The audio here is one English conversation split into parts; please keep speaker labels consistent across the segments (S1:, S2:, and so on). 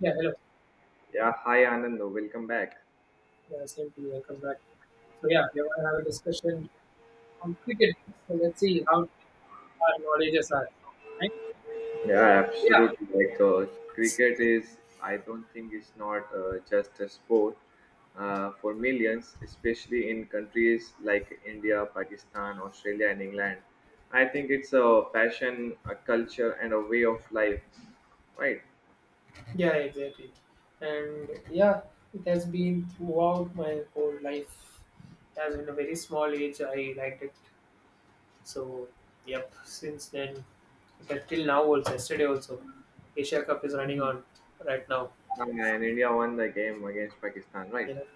S1: Yeah, hello.
S2: Yeah, hi Anand, welcome back.
S1: Yeah, same to you. Welcome back. So yeah, we want to have a discussion on cricket. So let's see how our knowledges are. Right?
S2: Yeah,
S1: Yeah.
S2: absolutely. Cricket is, I don't think it's not just a sport for millions, especially in countries like India, Pakistan, Australia, and England. I think it's a passion, a culture, and a way of life, right?
S1: Yeah, exactly. And yeah, it has been throughout my whole life. As in a very small age, I liked it. So, yep, since then, but till now also, yesterday also, Asia Cup is running
S2: Mhm.
S1: on right now.
S2: And India won the game against Pakistan, right?
S1: You know,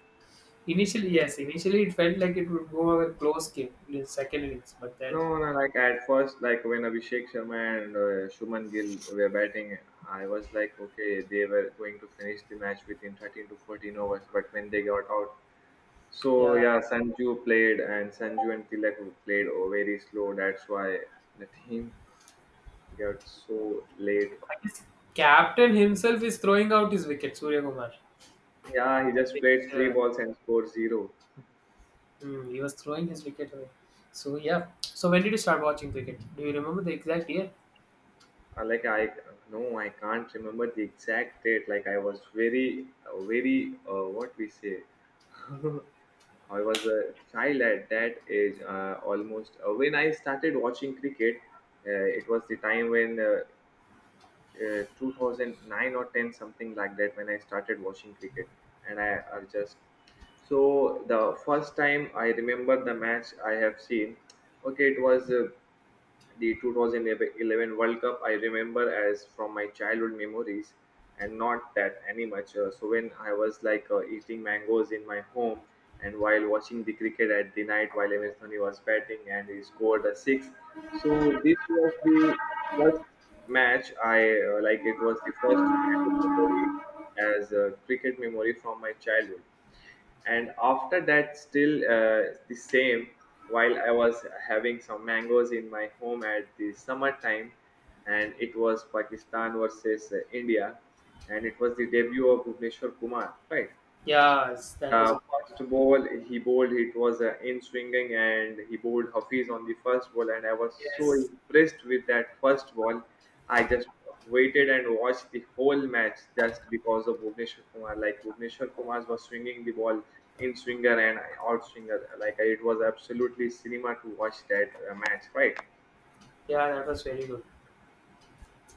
S1: initially, yes, initially it felt like it would go a close game in the second innings, but then,
S2: No, no, like at first, like when Abhishek Sharma and Shubman Gill were batting, I was like, okay, they were going to finish the match within 13 to 14 overs, but when they got out, so
S1: yeah,
S2: yeah, Sanju played and Sanju and Tilak played very slow. That's why the team got so late.
S1: I guess captain himself is throwing out his wicket, Surya Kumar.
S2: Yeah, he
S1: I
S2: just
S1: think,
S2: played three
S1: uh,
S2: balls and scored zero.
S1: he was throwing his wicket away. So yeah. So when did you start watching cricket? Do you remember the exact year?
S2: Like I no, I can't remember the exact date. Like, I was very very what we say, I was a child at that age, almost when I started watching cricket. It was the time when 2009 or 10, something like that, when I started watching cricket. I just, so the first time I remember the match I have seen, okay, it was the 2011 World Cup I remember as from my childhood memories and not that any much. So when I was like eating mangoes in my home and while watching the cricket at the night, while MS Dhoni was batting and he scored a six. So this was the first match I, like it was the first memory as a cricket memory from my childhood. And after that, still the same, while I was having some mangoes in my home at the summertime, and it was Pakistan versus India, and it was the debut of Bhuvneshwar Kumar, right?
S1: Yes, that was a
S2: First ball he bowled, it was in swinging, and he bowled Hafiz on the first ball, and I was so
S1: yes.
S2: impressed with that first ball. I just waited and watched the whole match just because of Bhuvneshwar Kumar. Like Bhuvneshwar Kumar was swinging the ball, in swinger and out swinger. Like, it was absolutely cinema to watch that match, right?
S1: Yeah, that was very good.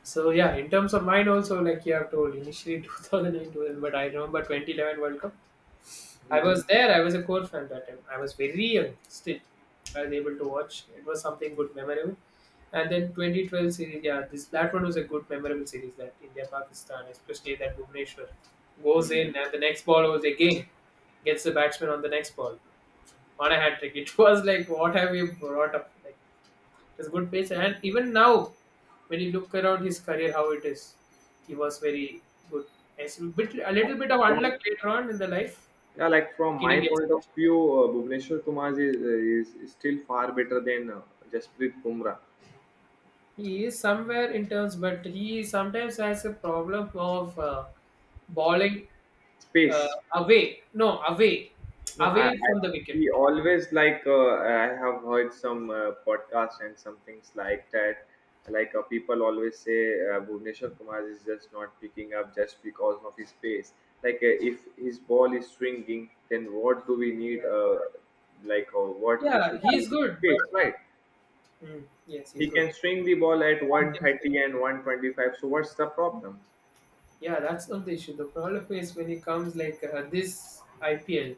S1: So yeah, in terms of mine also, like you have told, initially 2008, but I remember 2011 World Cup. I
S2: Mhm,
S1: was there. I was a core fan that time. I was very young still. I was able to watch. It was something good, memorable. And then 2012 series, yeah, this that one was a good, memorable series. That India Pakistan, especially that Bhuvneshwar goes
S2: mhm.
S1: in, and the next ball was again gets the batsman on the next ball on a hat trick. It was like, what have you brought up? Like, it was good pace. And even now, when you look around his career, how it is, he was very good. Yes, a bit, a little bit of
S2: from
S1: unluck later on in the life,
S2: Yeah, like from
S1: he
S2: my
S1: didn't get
S2: point of
S1: selection.
S2: view, Bhuvneshwar Kumar is still far better than Jasprit Bumrah.
S1: He is somewhere in terms, but he sometimes has a problem of bowling uh,
S2: Space.
S1: away. No, away,
S2: No,
S1: away
S2: I
S1: from the wicket.
S2: we always like, I have heard some podcasts and some things like that. Like people always say, Bhuvneshwar Kumar is just not picking up just because of his pace. Like if his ball is swinging, then what do we need?
S1: Yeah,
S2: Like what we
S1: yeah
S2: should
S1: he
S2: do
S1: is
S2: with the
S1: good.
S2: pace, right?
S1: Mm, yes,
S2: He
S1: he's good.
S2: can swing the ball at
S1: You can say—
S2: 130 and 125. So what's the problem?
S1: yeah, that's not the issue. The problem is when he comes like this IPL,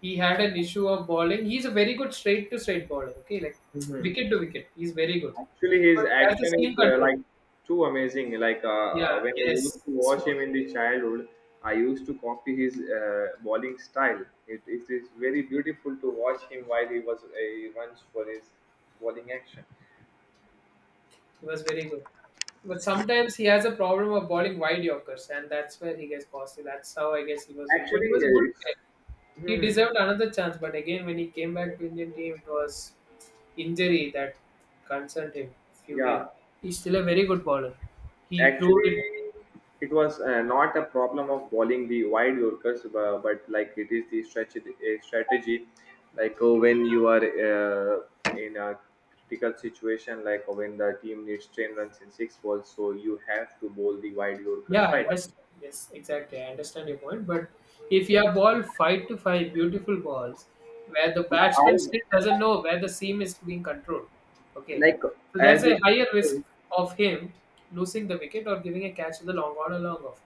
S1: he had an issue of bowling. He's a very good straight to straight bowler. Okay, like
S2: hmm
S1: wicket to wicket, he's very good.
S2: Actually, his
S1: But that's the
S2: action is
S1: seam control.
S2: like too amazing. Like
S1: Yeah,
S2: when I used
S1: yes,
S2: to watch
S1: smooth.
S2: him in the childhood, I used to copy his bowling style. It is very beautiful to watch him while he was he runs for his bowling action.
S1: He was very good. But sometimes he has a problem of bowling wide Yorkers, and that's where he gets costly. That's how I guess he was doing.
S2: Actually,
S1: But he was a good
S2: uh, it's,
S1: player. He
S2: hmm,
S1: deserved another chance. But again, when he came back to Indian team, it was injury that concerned him. Few years.
S2: yeah.
S1: He's still a very good bowler. He proved
S2: Actually,
S1: it.
S2: it was not a problem of bowling the wide Yorkers, but like it is the strategy, a strategy, like when you are in a critical situation, like when the team needs 10 runs in six balls, so you have to bowl the wide
S1: Yeah,
S2: Yorkers,
S1: I
S2: right?
S1: understand. Yes, exactly. I understand your point. But if you have ball five to five beautiful balls where the
S2: Yeah,
S1: batsman
S2: I
S1: still doesn't know where the seam is being controlled. Okay.
S2: like
S1: So that's
S2: as you,
S1: a higher
S2: yeah,
S1: risk of him losing the wicket or giving a catch to the long on or long off.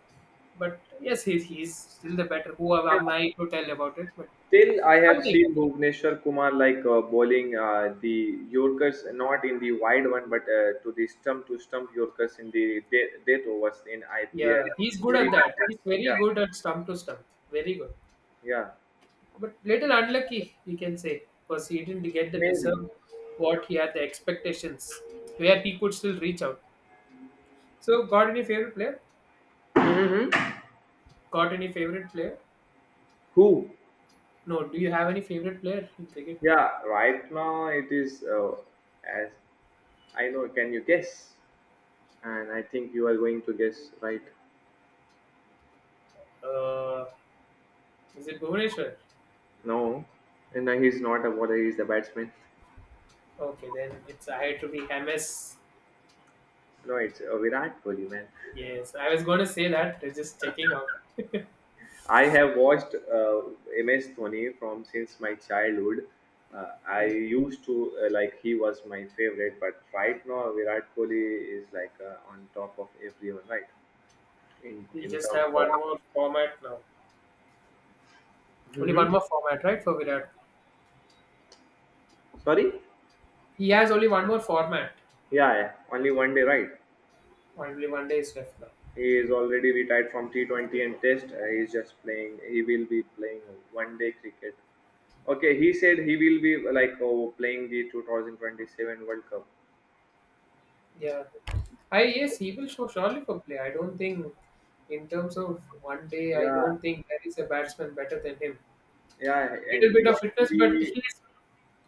S1: But yes, he's still the better. Who am I to tell about it? But
S2: Still, I have
S1: something.
S2: seen Bhuvneshwar Kumar like bowling the Yorkers, not in the wide one but to the stump to stump Yorkers in the death overs in IPL.
S1: Yeah, he's
S2: In
S1: good
S2: very,
S1: at that. He's very
S2: yeah,
S1: good at stump to stump. Very good.
S2: yeah,
S1: But little unlucky, we can say, because he didn't get the
S2: maybe.
S1: deserve what he had the expectations, where he could still reach out. So, got any favorite player?
S2: hmm
S1: Got any favorite player?
S2: Who?
S1: No. Do you have any favorite player in cricket?
S2: Yeah, right now it is as I know. Can you guess? And I think you are going to guess right.
S1: Uh, is it Bhuvaneshwar?
S2: No, and no, he's not a bowler. He's a batsman.
S1: Okay, then it's I had to be MS.
S2: No, it's Virat Kohli, man.
S1: Yes, I was going to say that. They're just checking out.
S2: I have watched MS Dhoni from since my childhood. I
S1: Hmm.
S2: used to like he was my favorite, but right now Virat Kohli is like on top of everyone, right? In
S1: We
S2: in
S1: just
S2: terms
S1: have
S2: of,
S1: one more format now. Only
S2: hmm
S1: one more format, right, for Virat?
S2: sorry,
S1: He has only one more format.
S2: yeah, yeah, only 1 day, right?
S1: Only one day is left now.
S2: He is already retired from T 20 and Test. He is just playing. He will be playing 1 day cricket. Okay, he said he will be like oh, playing the 2027 World Cup.
S1: Yeah. I yes, he will show surely for play. I don't think in terms of one day, I
S2: Yeah,
S1: don't think there is a batsman better than him.
S2: Yeah,
S1: Little
S2: and he
S1: bit of fitness, but his
S2: actually,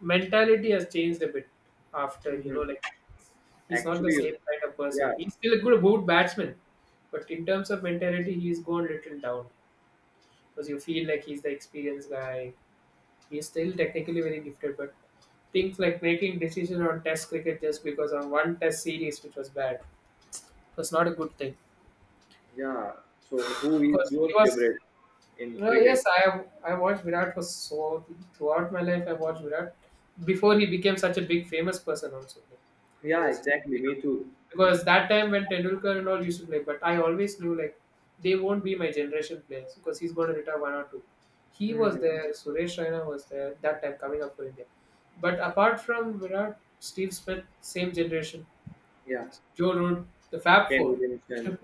S1: mentality has changed a bit after, you know,
S2: Mhm.
S1: like he's not the
S2: actually,
S1: same kind of
S2: yeah,
S1: person. He's still a good batsman, but in terms of mentality, he's gone little down. Because you feel like he's the experienced guy. He's still technically very gifted, but things like making decisions on test cricket just because of one test series which was bad was not a good thing.
S2: yeah. So, who is
S1: Because
S2: your
S1: he was,
S2: favorite in
S1: well,
S2: cricket?
S1: yes, I have, I watched Virat for so throughout my life. I watched Virat before he became such a big famous person also, like, and he
S2: Yeah,
S1: was just
S2: exactly. Me too.
S1: because that time when Tendulkar and all used to play, but I always knew like they won't be my generation players because he's going to retire one or two. He was
S2: hmm
S1: there. Suresh Raina was there that time coming up for India. But apart from Virat, Steve Smith, same generation,
S2: Yeah,
S1: Joe Root, the Fab
S2: Ken
S1: Four,
S2: Williamson,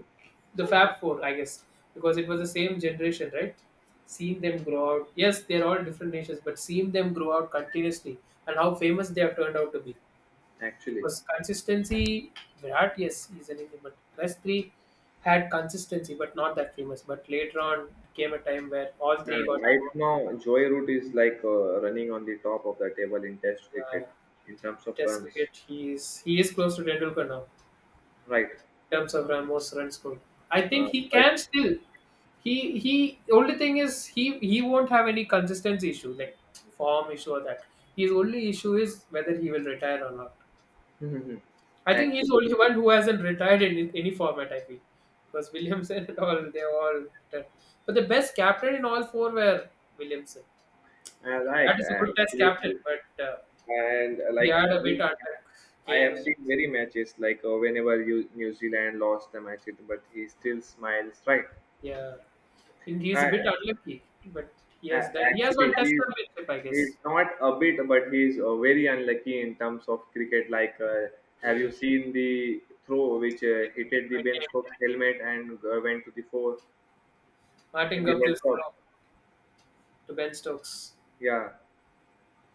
S1: the Fab Four, I guess, because it was the same generation, right? Seeing them grow out. Yes, they're all different nations, but seeing them grow out continuously and how famous they have turned out to be.
S2: actually.
S1: Because consistency, Virat, yes, he's an Indian, but rest three had consistency, but not that famous. But later on, came a time where all three got.
S2: Right now, Joy Root is like running on the top of the table in Test cricket
S1: Yeah,
S2: in terms of
S1: Test
S2: runs.
S1: cricket, he is close to Tendulkar now.
S2: Right.
S1: Terms of Ramos run scored. I think he
S2: But
S1: can still. He. Only thing is he won't have any consistency issue like form issue or that. His only issue is whether he will retire or not.
S2: Mhm.
S1: I think he's the
S2: actually,
S1: only one who hasn't retired in any format. I feel because Williamson and all they are all retired. But the best captain in all four were Williamson.
S2: I like,
S1: That is a good test
S2: actually,
S1: captain, but
S2: and
S1: he
S2: like
S1: had a bit under
S2: I have
S1: Kane.
S2: seen very matches like whenever you, New Zealand lost the match, but he still smiles, right?
S1: Yeah, and he's a
S2: Uh,
S1: bit unlucky, but he
S2: uh,
S1: has done. He has
S2: actually,
S1: one test championship, I
S2: he's
S1: guess.
S2: not a bit, but he's very unlucky in terms of cricket. Like, have you
S1: He,
S2: seen the throw which hitted the Ben Stokes' helmet and went to the four in
S1: Martin
S2: the
S1: Guptil's
S2: World Cup?
S1: job to Ben Stokes.
S2: Yeah.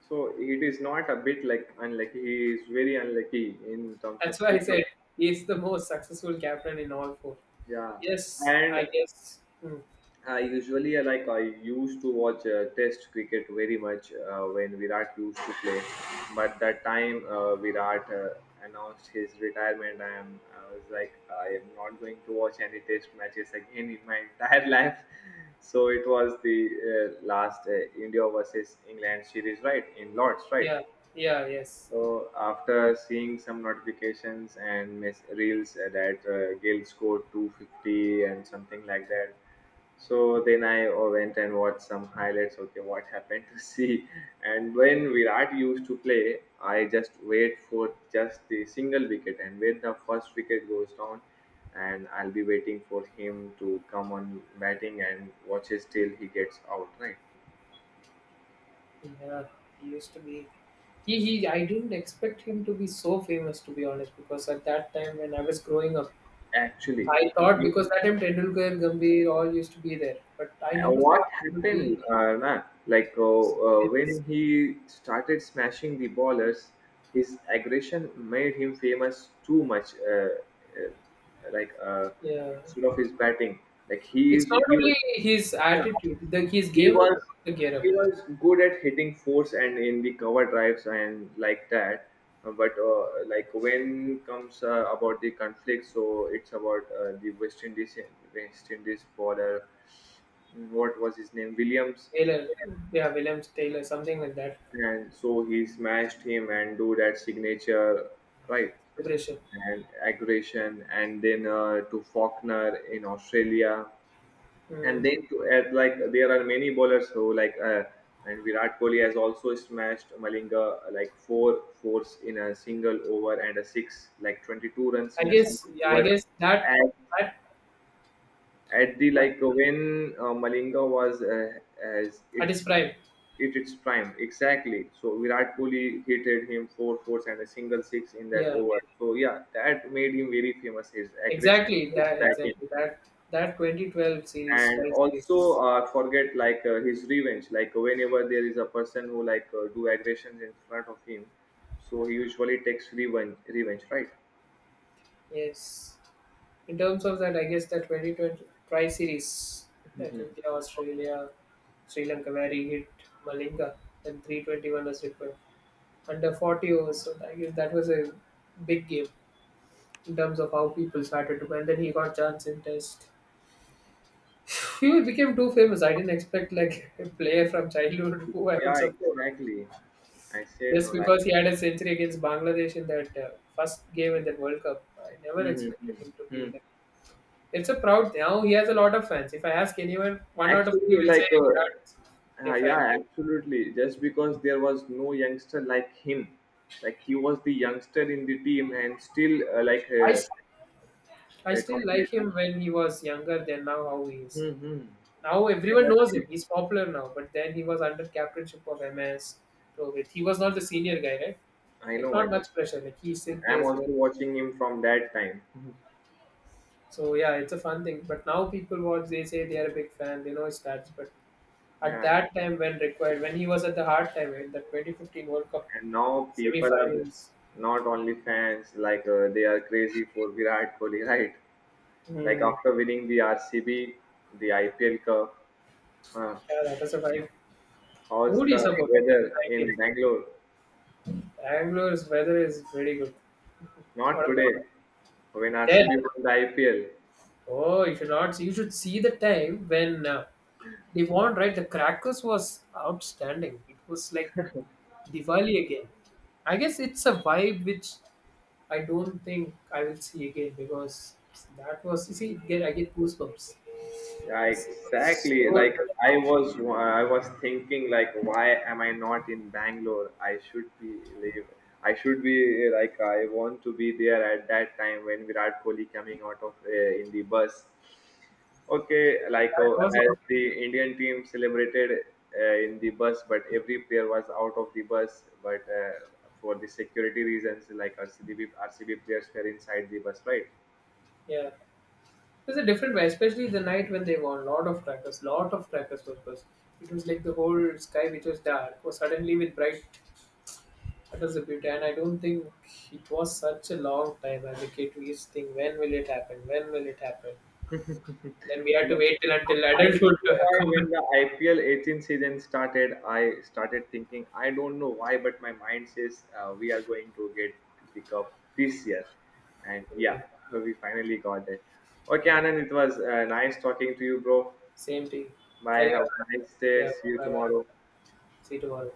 S2: So it is not a bit like unlucky. He is very unlucky in terms
S1: That's
S2: of
S1: why I
S2: cricket.
S1: said he's the most successful captain in all four.
S2: Yeah.
S1: Yes, I
S2: And
S1: guess. Hmm.
S2: I usually like I used to watch Test cricket very much when Virat used to play, but that time Virat announced his retirement, I was like, I am not going to watch any Test matches again in my entire life. So it was the last India versus England series, right, in Lords, right?
S1: Yeah, yeah, yes.
S2: So after seeing some notifications and reels that Gale scored 250 and something like that, so then I went and watched some highlights. Okay, what happened to see? And when Virat used to play, I just wait for just the single wicket, and when the first wicket goes down, and I'll be waiting for him to come on batting and watches till he gets out. Right?
S1: Yeah, he used to be. I didn't expect him to be so famous, to be honest, because at that time when I was growing up,
S2: Actually,
S1: I thought because that time Tendulkar, and Gambhir all used to be there, but I never
S2: What
S1: thought it would be.
S2: happened, na? Like
S1: It's,
S2: when he started smashing the ballers, his aggression made him famous too much. Uh, like uh,
S1: yeah,
S2: instead of his batting, like he is,
S1: it's
S2: he,
S1: not only his
S2: yeah,
S1: attitude, the, his
S2: he
S1: game also
S2: was
S1: took the gear up.
S2: he was good at hitting force and in the cover drives and like that. But like when comes about the conflict, so it's about the West Indies bowler. What was his name? Williams.
S1: Taylor, yeah, Williams Taylor, something like that.
S2: And so he smashed him and do that signature, right,
S1: Celebration.
S2: and aggression, and then to Faulkner in Australia, and
S1: Hmm.
S2: then to add, like there are many bowlers who like, and Virat Kohli has also smashed Malinga, like four fours in a single over and a six, like 22 runs
S1: I
S2: in a
S1: guess,
S2: single
S1: yeah, I
S2: over.
S1: guess that
S2: And
S1: that
S2: at the,
S1: like,
S2: like when Malinga was as it
S1: at his prime.
S2: it its prime, exactly. So Virat Kohli hitted him four fours and a single six in that
S1: Yeah,
S2: over. So yeah, that made him very famous. His aggression
S1: exactly
S2: was
S1: that,
S2: back in.
S1: exactly that 2012 series,
S2: And
S1: tie
S2: also
S1: series.
S2: forget like his revenge, like whenever there is a person who like do aggressions in front of him, so he usually takes revenge, right?
S1: Yes. In terms of that, I guess that 2020 Tri Series, that India, Australia, Sri Lanka, where he hit Malinga, and 321 was required under 40 overs. So I guess that was a big game in terms of how people started to. And then he got chance in Test. He became too famous. I didn't expect like a player from childhood who I would
S2: yeah
S1: support
S2: exactly I said no
S1: just
S2: like
S1: because he had a century against Bangladesh in that first game in that World Cup. I never expected
S2: mm-hmm.
S1: him to
S2: hmm
S1: be. It's a proud thing. Now he has a lot of fans. If I ask anyone, one out of three
S2: actually
S1: will say
S2: like
S1: Virat.
S2: Yeah,
S1: Definitely.
S2: absolutely. Just because there was no youngster like him, like he was the youngster in the team and still like
S1: I, s- I still
S2: complete
S1: like him when he was younger than now how he is.
S2: hmm
S1: Now everyone knows him. He's popular now. But then he was under captainship of MS. Rohit. He was not the senior guy, right?
S2: I
S1: Like
S2: know, I
S1: not
S2: know,
S1: much pressure. Like he still
S2: I'm
S1: plays
S2: also
S1: well.
S2: watching him from that time.
S1: So yeah, it's a fun thing. But now people watch. They say they are a big fan. They know his stats. But at
S2: Yeah,
S1: that time, when required, when he was at the hard time in the 2015 World Cup
S2: and now people are
S1: semi-finals.
S2: not only fans, like they are crazy for Virat Kohli, right? Like after winning the RCB, the IPL Cup, uh,
S1: Yeah, that was a vibe.
S2: how's
S1: Who do you
S2: the
S1: support?
S2: weather in Bangalore?
S1: Bangalore's weather is very good.
S2: Not
S1: What about
S2: today,
S1: that?
S2: when
S1: Then,
S2: RCB won the IPL.
S1: oh, you should not. You should see the time when they won. Right, the Crackers was outstanding. It was like Diwali again. I guess it's a vibe which I don't think I will see again because that was. You see, it get I get goosebumps.
S2: Yeah,
S1: It was
S2: exactly.
S1: so
S2: Like,
S1: different.
S2: I was thinking, like, why am I not in Bangalore? I should be live. I should be like, I want to be there at that time when Virat Kohli coming out of in the bus. Okay, like
S1: That was a
S2: as
S1: different vibe.
S2: the Indian team celebrated in the bus, but every player was out of the bus. But for the security reasons, like RCB players were inside the bus, right?
S1: Yeah. It was a different way, especially the night when they won. Lot of crackers was burst. It was like the whole sky, which was dark, was suddenly with bright colors of beauty. And I don't think it was such a long time as a kid. We used to think, when will it happen? When will it happen? Then we had
S2: Yeah.
S1: to wait till until
S2: I
S1: adulthood
S2: don't
S1: to
S2: know
S1: have
S2: why
S1: come.
S2: when the IPL 18 season started, I started thinking, I don't know why, but my mind says we are going to get the cup this year. And yeah,
S1: Mm,
S2: we finally got it. Okay, Anand, it was nice talking to you, bro.
S1: same thing.
S2: Bye.
S1: Carry
S2: Have
S1: on.
S2: a nice day.
S1: Yeah.
S2: See you
S1: Bye bye.
S2: tomorrow.
S1: See you tomorrow.